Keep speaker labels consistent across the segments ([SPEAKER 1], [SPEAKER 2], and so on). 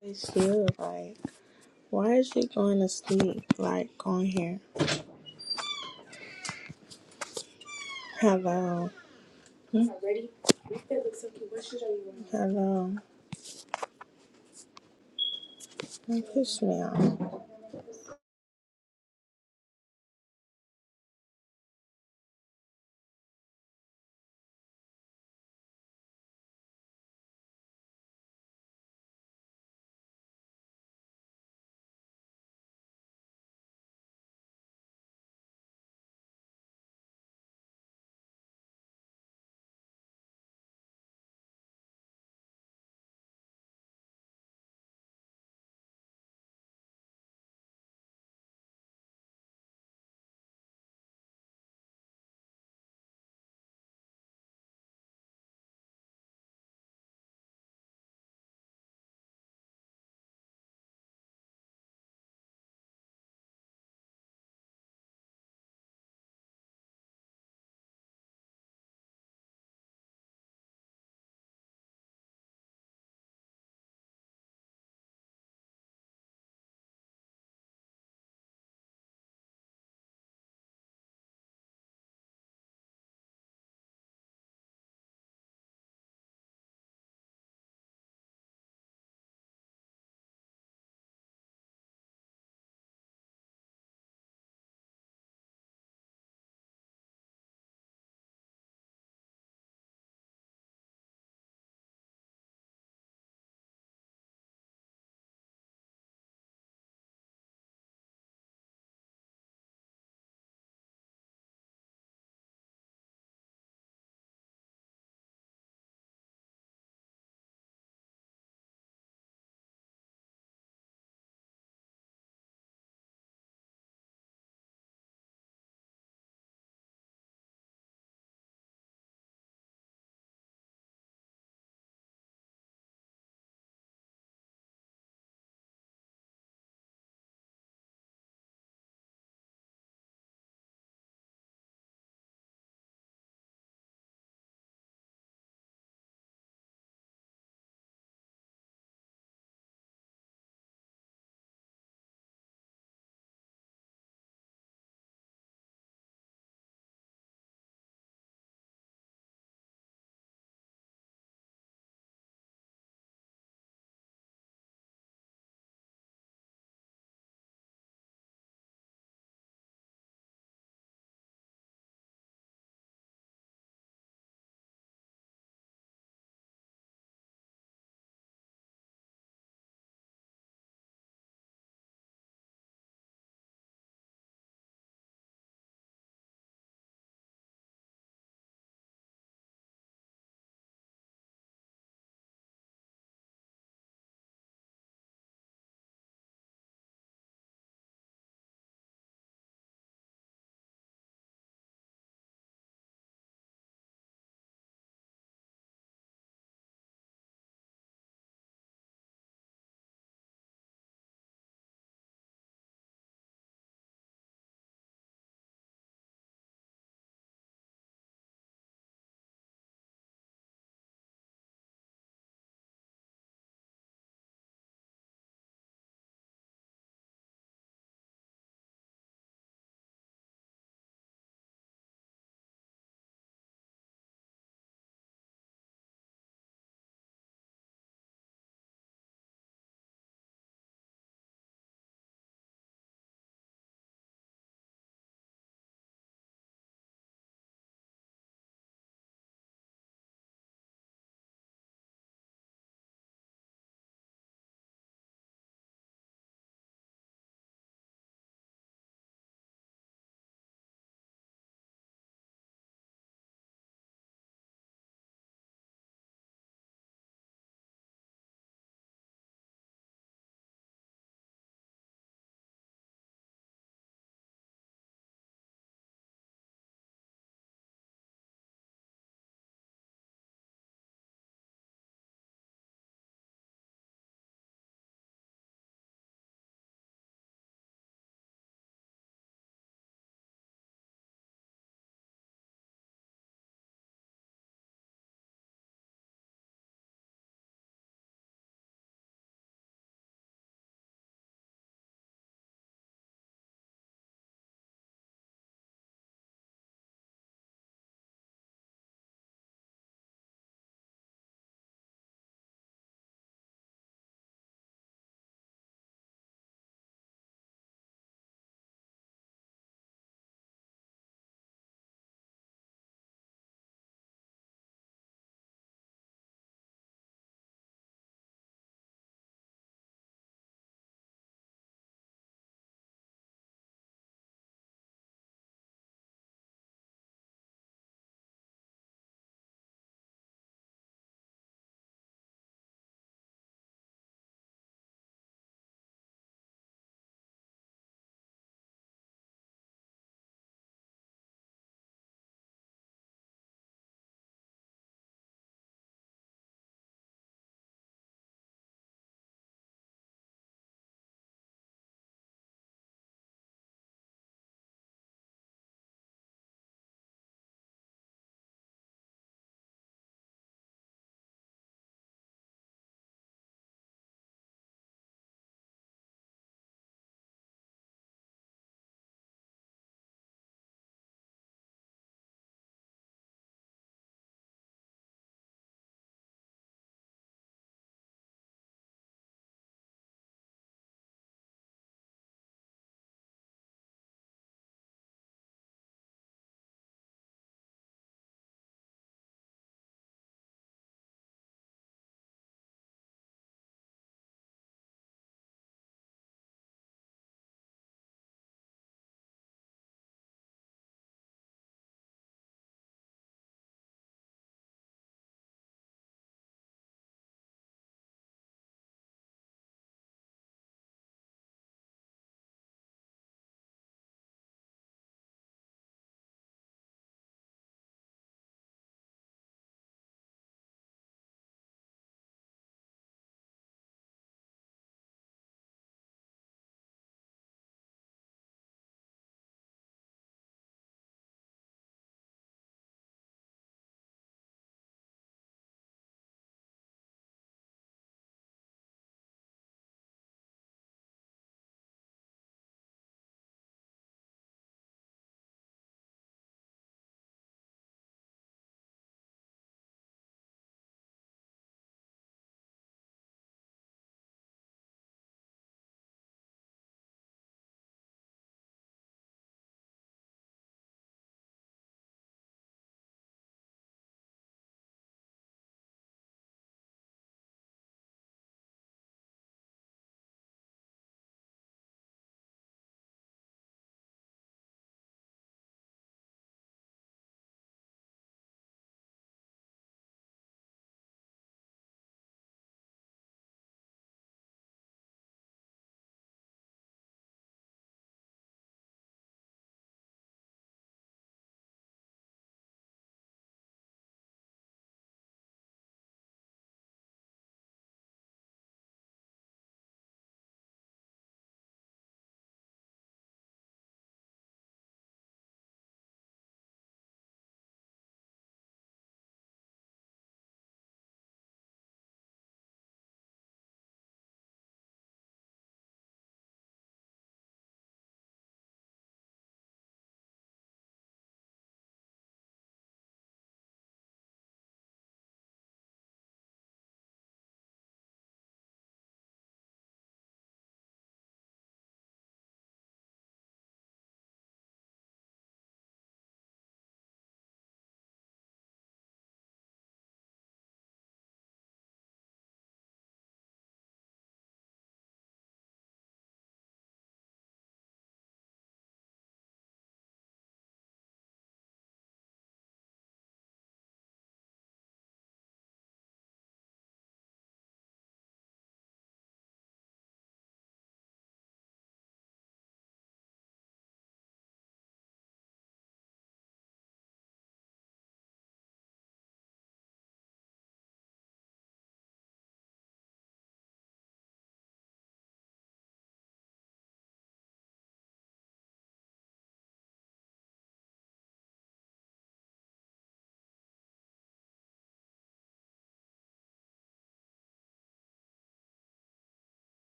[SPEAKER 1] It's still like, why is she going to sleep? Like, on here. Hello. Hmm? Hello. Don't push me off.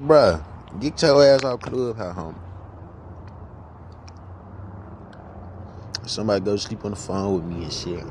[SPEAKER 2] Bruh, get your ass out clubhouse, homie. Somebody go sleep on the phone with me and shit.